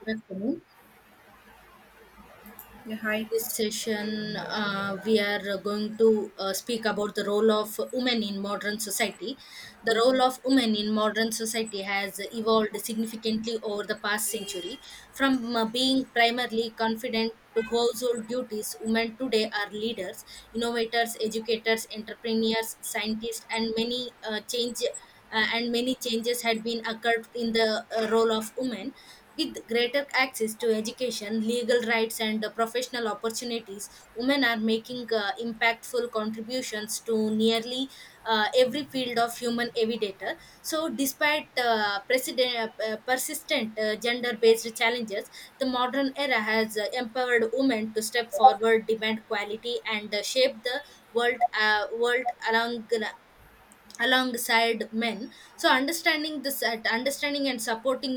Good afternoon. Yeah, hi. This session, we are going to speak about the role of women in modern society. The Yeah. role of women in modern society has evolved significantly over the past century. From being primarily confident to household duties, women today are leaders, innovators, educators, entrepreneurs, scientists, and many changes had been occurred in the role of women with greater access to education, legal rights, and professional opportunities. Women are making impactful contributions to nearly every field of human evidator. So despite persistent gender based challenges, the modern era has empowered women to step forward, demand quality, and shape the world alongside men. So understanding this at understanding and supporting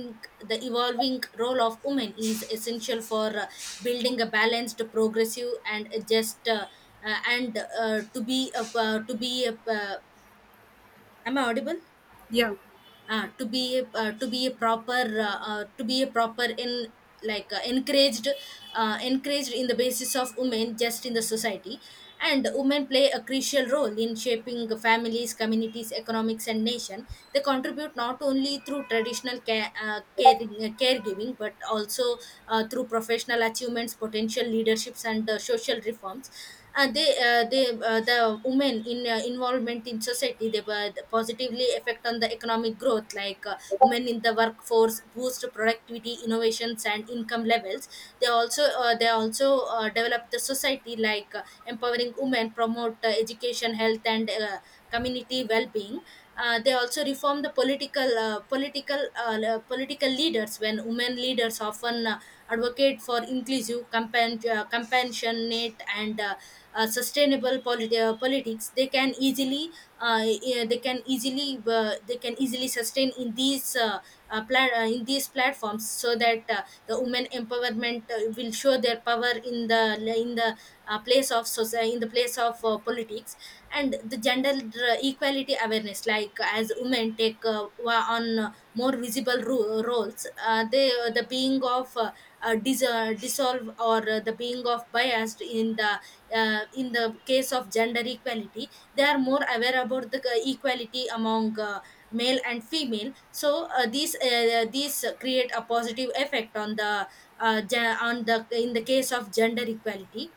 the evolving role of women is essential for building a balanced, progressive, and just, and to to be a, am I audible? Yeah, To be to be a proper, to be a proper in, like, encouraged in the basis of women just in the society. And women play a crucial role in shaping families, communities, economics, and nation. They contribute not only through caregiving, but also through professional achievements, potential leaderships, and social reforms. The women in involvement in society, they positively affect on the economic growth. Like women in the workforce boost productivity, innovations, and income levels. They also develop the society. Like empowering women promote education, health, and community well-being. They also reform the political leaders. When women leaders often advocate for compassionate and sustainable politics, they can easily yeah, they can easily sustain in these, in these platforms, so that the women empowerment will show their power in the place of society, in the place of politics. And the gender equality awareness, like as women take on more roles, the being of dissolve, or the being of biased in the case of gender equality, they are more aware about the equality among male and female. So these create a positive effect on the on the in the case of gender equality.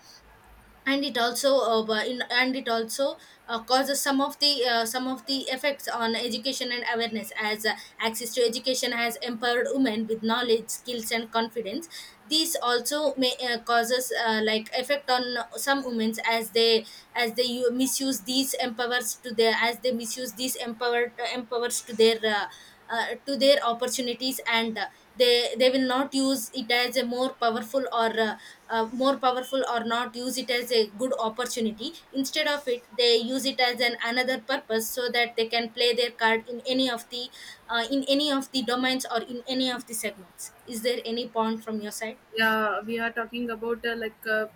And it also bu- in, and it also causes some of the effects on education and awareness, as access to education has empowered women with knowledge, skills, and confidence. This also may causes, like effect on some women, as they u- misuse these empowers to their as they misuse these empowered empowers to their opportunities. And they will not use it as a more powerful, or more powerful, or not use it as a good opportunity. Instead of it, they use it as an another purpose, so that they can play their card in any of the in any of the domains, or in any of the segments. Is there any point from your side? yeah, we are talking about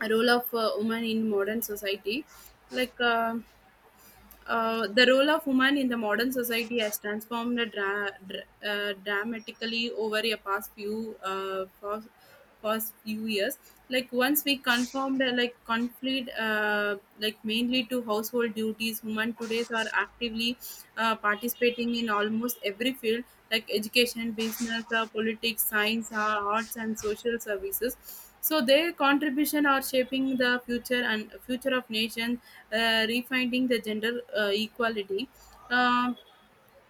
a role of woman in modern society. Like uh, the role of women in the modern society has transformed dramatically over the past few years. Like once we confirmed like conflict like mainly to household duties, women today are actively participating in almost every field like education, business, politics, science, arts, and social services. So their contribution are shaping the future and future of nation, refinding the gender equality. Uh,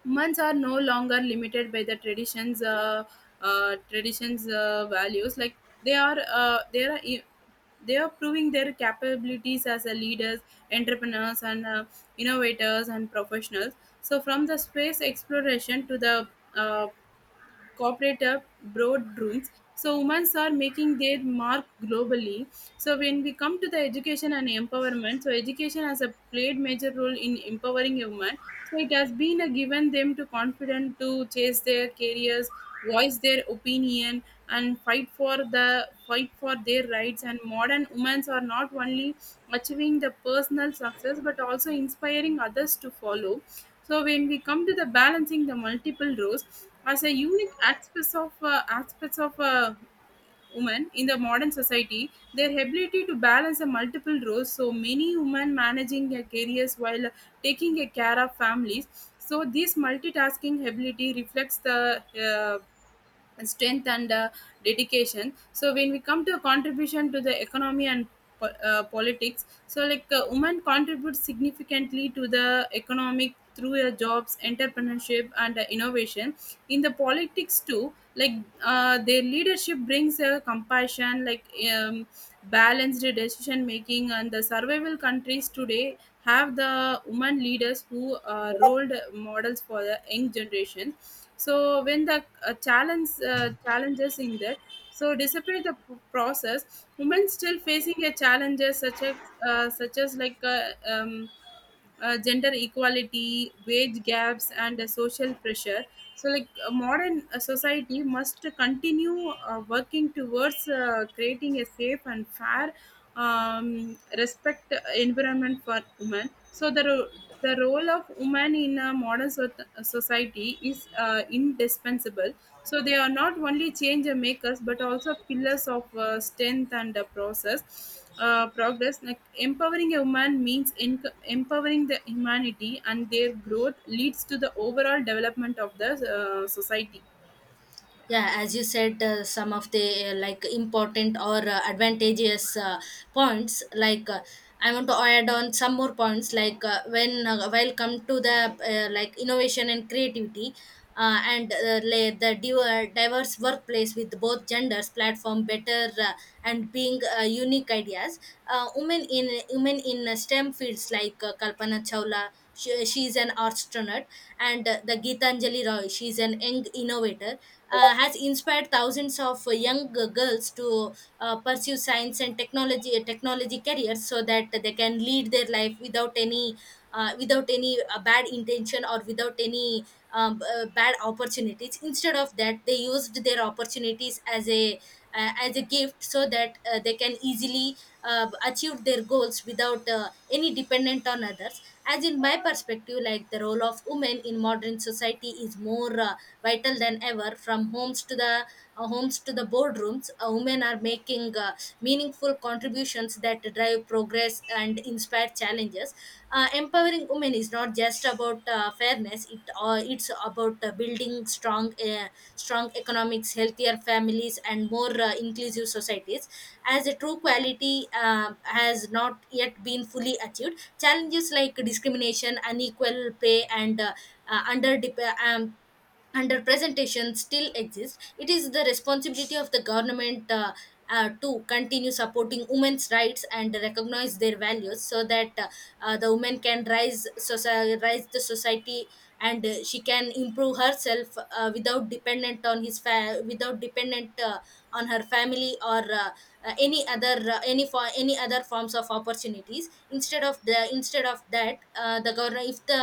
Months are no longer limited by the traditions values. Like they are, uh, they are. i- They are proving their capabilities as a leaders, entrepreneurs, and innovators and professionals. So from the space exploration to the uh, corporate boardrooms, so women are making their mark globally. So when we come to the education and empowerment, so education has a played major role in empowering a woman. So it has been a given them to confident to chase their careers, voice their opinion, and fight for their rights. And modern women are not only achieving the personal success but also inspiring others to follow. So when we come to the balancing the multiple roles as a unique aspects of a woman in the modern society, their ability to balance the multiple roles. So many women managing their careers while taking a care of families. So this multitasking ability reflects the and strength and dedication. So when we come to a contribution to the economy and politics, so women contribute significantly to the economic through their jobs, entrepreneurship, and innovation. In the politics too, their leadership brings a compassion, um, balanced decision making, and the survival countries today have the women leaders who are role models for the young generation. So when the challenges in that, so despite the process women still facing a challenges such as uh, such as like uh, um, gender equality, wage gaps, and social pressure. So, modern society must continue working towards creating a safe and fair respect environment for women. So the role of women in a modern society is indispensable. So they are not only change makers but also pillars of strength and process. Progress. Like empowering a woman means enc empowering the humanity and their growth leads to the overall development of the society. Yeah, as you said, some of the like important or advantageous points, like, I want to add on some more points. Like, when while come to the, like, innovation and creativity, the diverse workplace with both genders platform better, and being unique ideas. Women in STEM fields, like, Kalpana Chawla, she is an astronaut, and the Geetanjali Roy, she is an young innovator, has inspired thousands of young girls to pursue science and technology careers, so that they can lead their life without any without any bad intention, or without any bad opportunities. Instead of that, they used their opportunities as a gift, so that they can easily achieve their goals without any dependent on others. As in my perspective, like, the role of women in modern society is more vital than ever. From homes to the boardrooms, women are making meaningful contributions that drive progress and inspire challenges. Empowering women is not just about fairness. It's about building strong economics, healthier families, and more inclusive societies. As a true quality has not yet been fully achieved, challenges like discrimination, unequal pay, and under, um, under presentation still exist. It is the responsibility of the government, to continue supporting women's rights and recognize their values, so that the woman can rise the society, and she can improve herself without dependent on without dependent on her family, or any for any other forms of opportunities. Instead of that, the government if the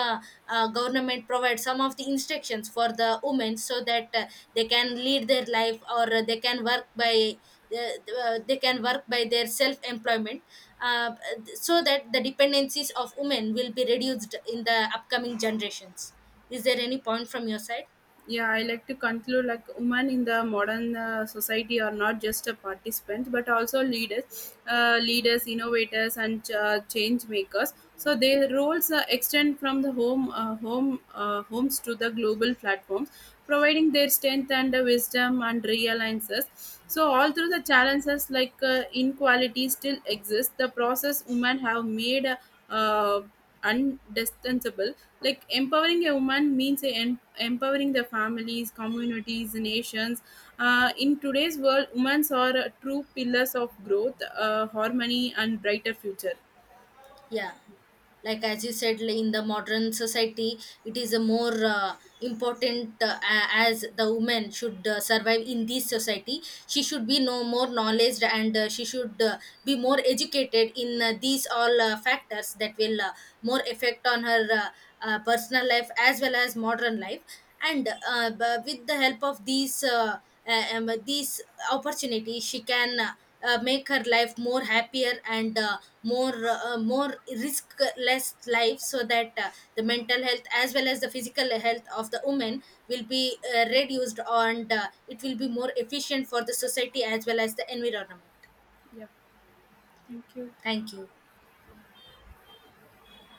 government provides some of the instructions for the women, so that they can lead their life, or they can work by they can work by their self employment, uh, so that the dependencies of women will be reduced in the upcoming generations. Is there any point from your side? Yeah, I like to conclude, like, women in the modern society are not just a participant but also leaders, innovators, and change makers. So their roles extend from the homes to the global platforms, providing their strength and wisdom and real answers. So all through the challenges like inequality still exist. The process women have made uh, undispensable. Like empowering a woman means empowering the families, communities, nations. In today's world, women are true pillars of growth, harmony, and brighter future. Yeah, like as you said, like, in the modern society, it is a more important, as the woman should survive in this society, she should be no more knowledge, and she should be more educated in these all factors, that will more effect on her personal life as well as modern life. And with the help of these opportunities, she can make her life more happier, and more risk less life, so that the mental health as well as the physical health of the woman will be reduced, and it will be more efficient for the society as well as the environment. Yeah, thank you. Thank you.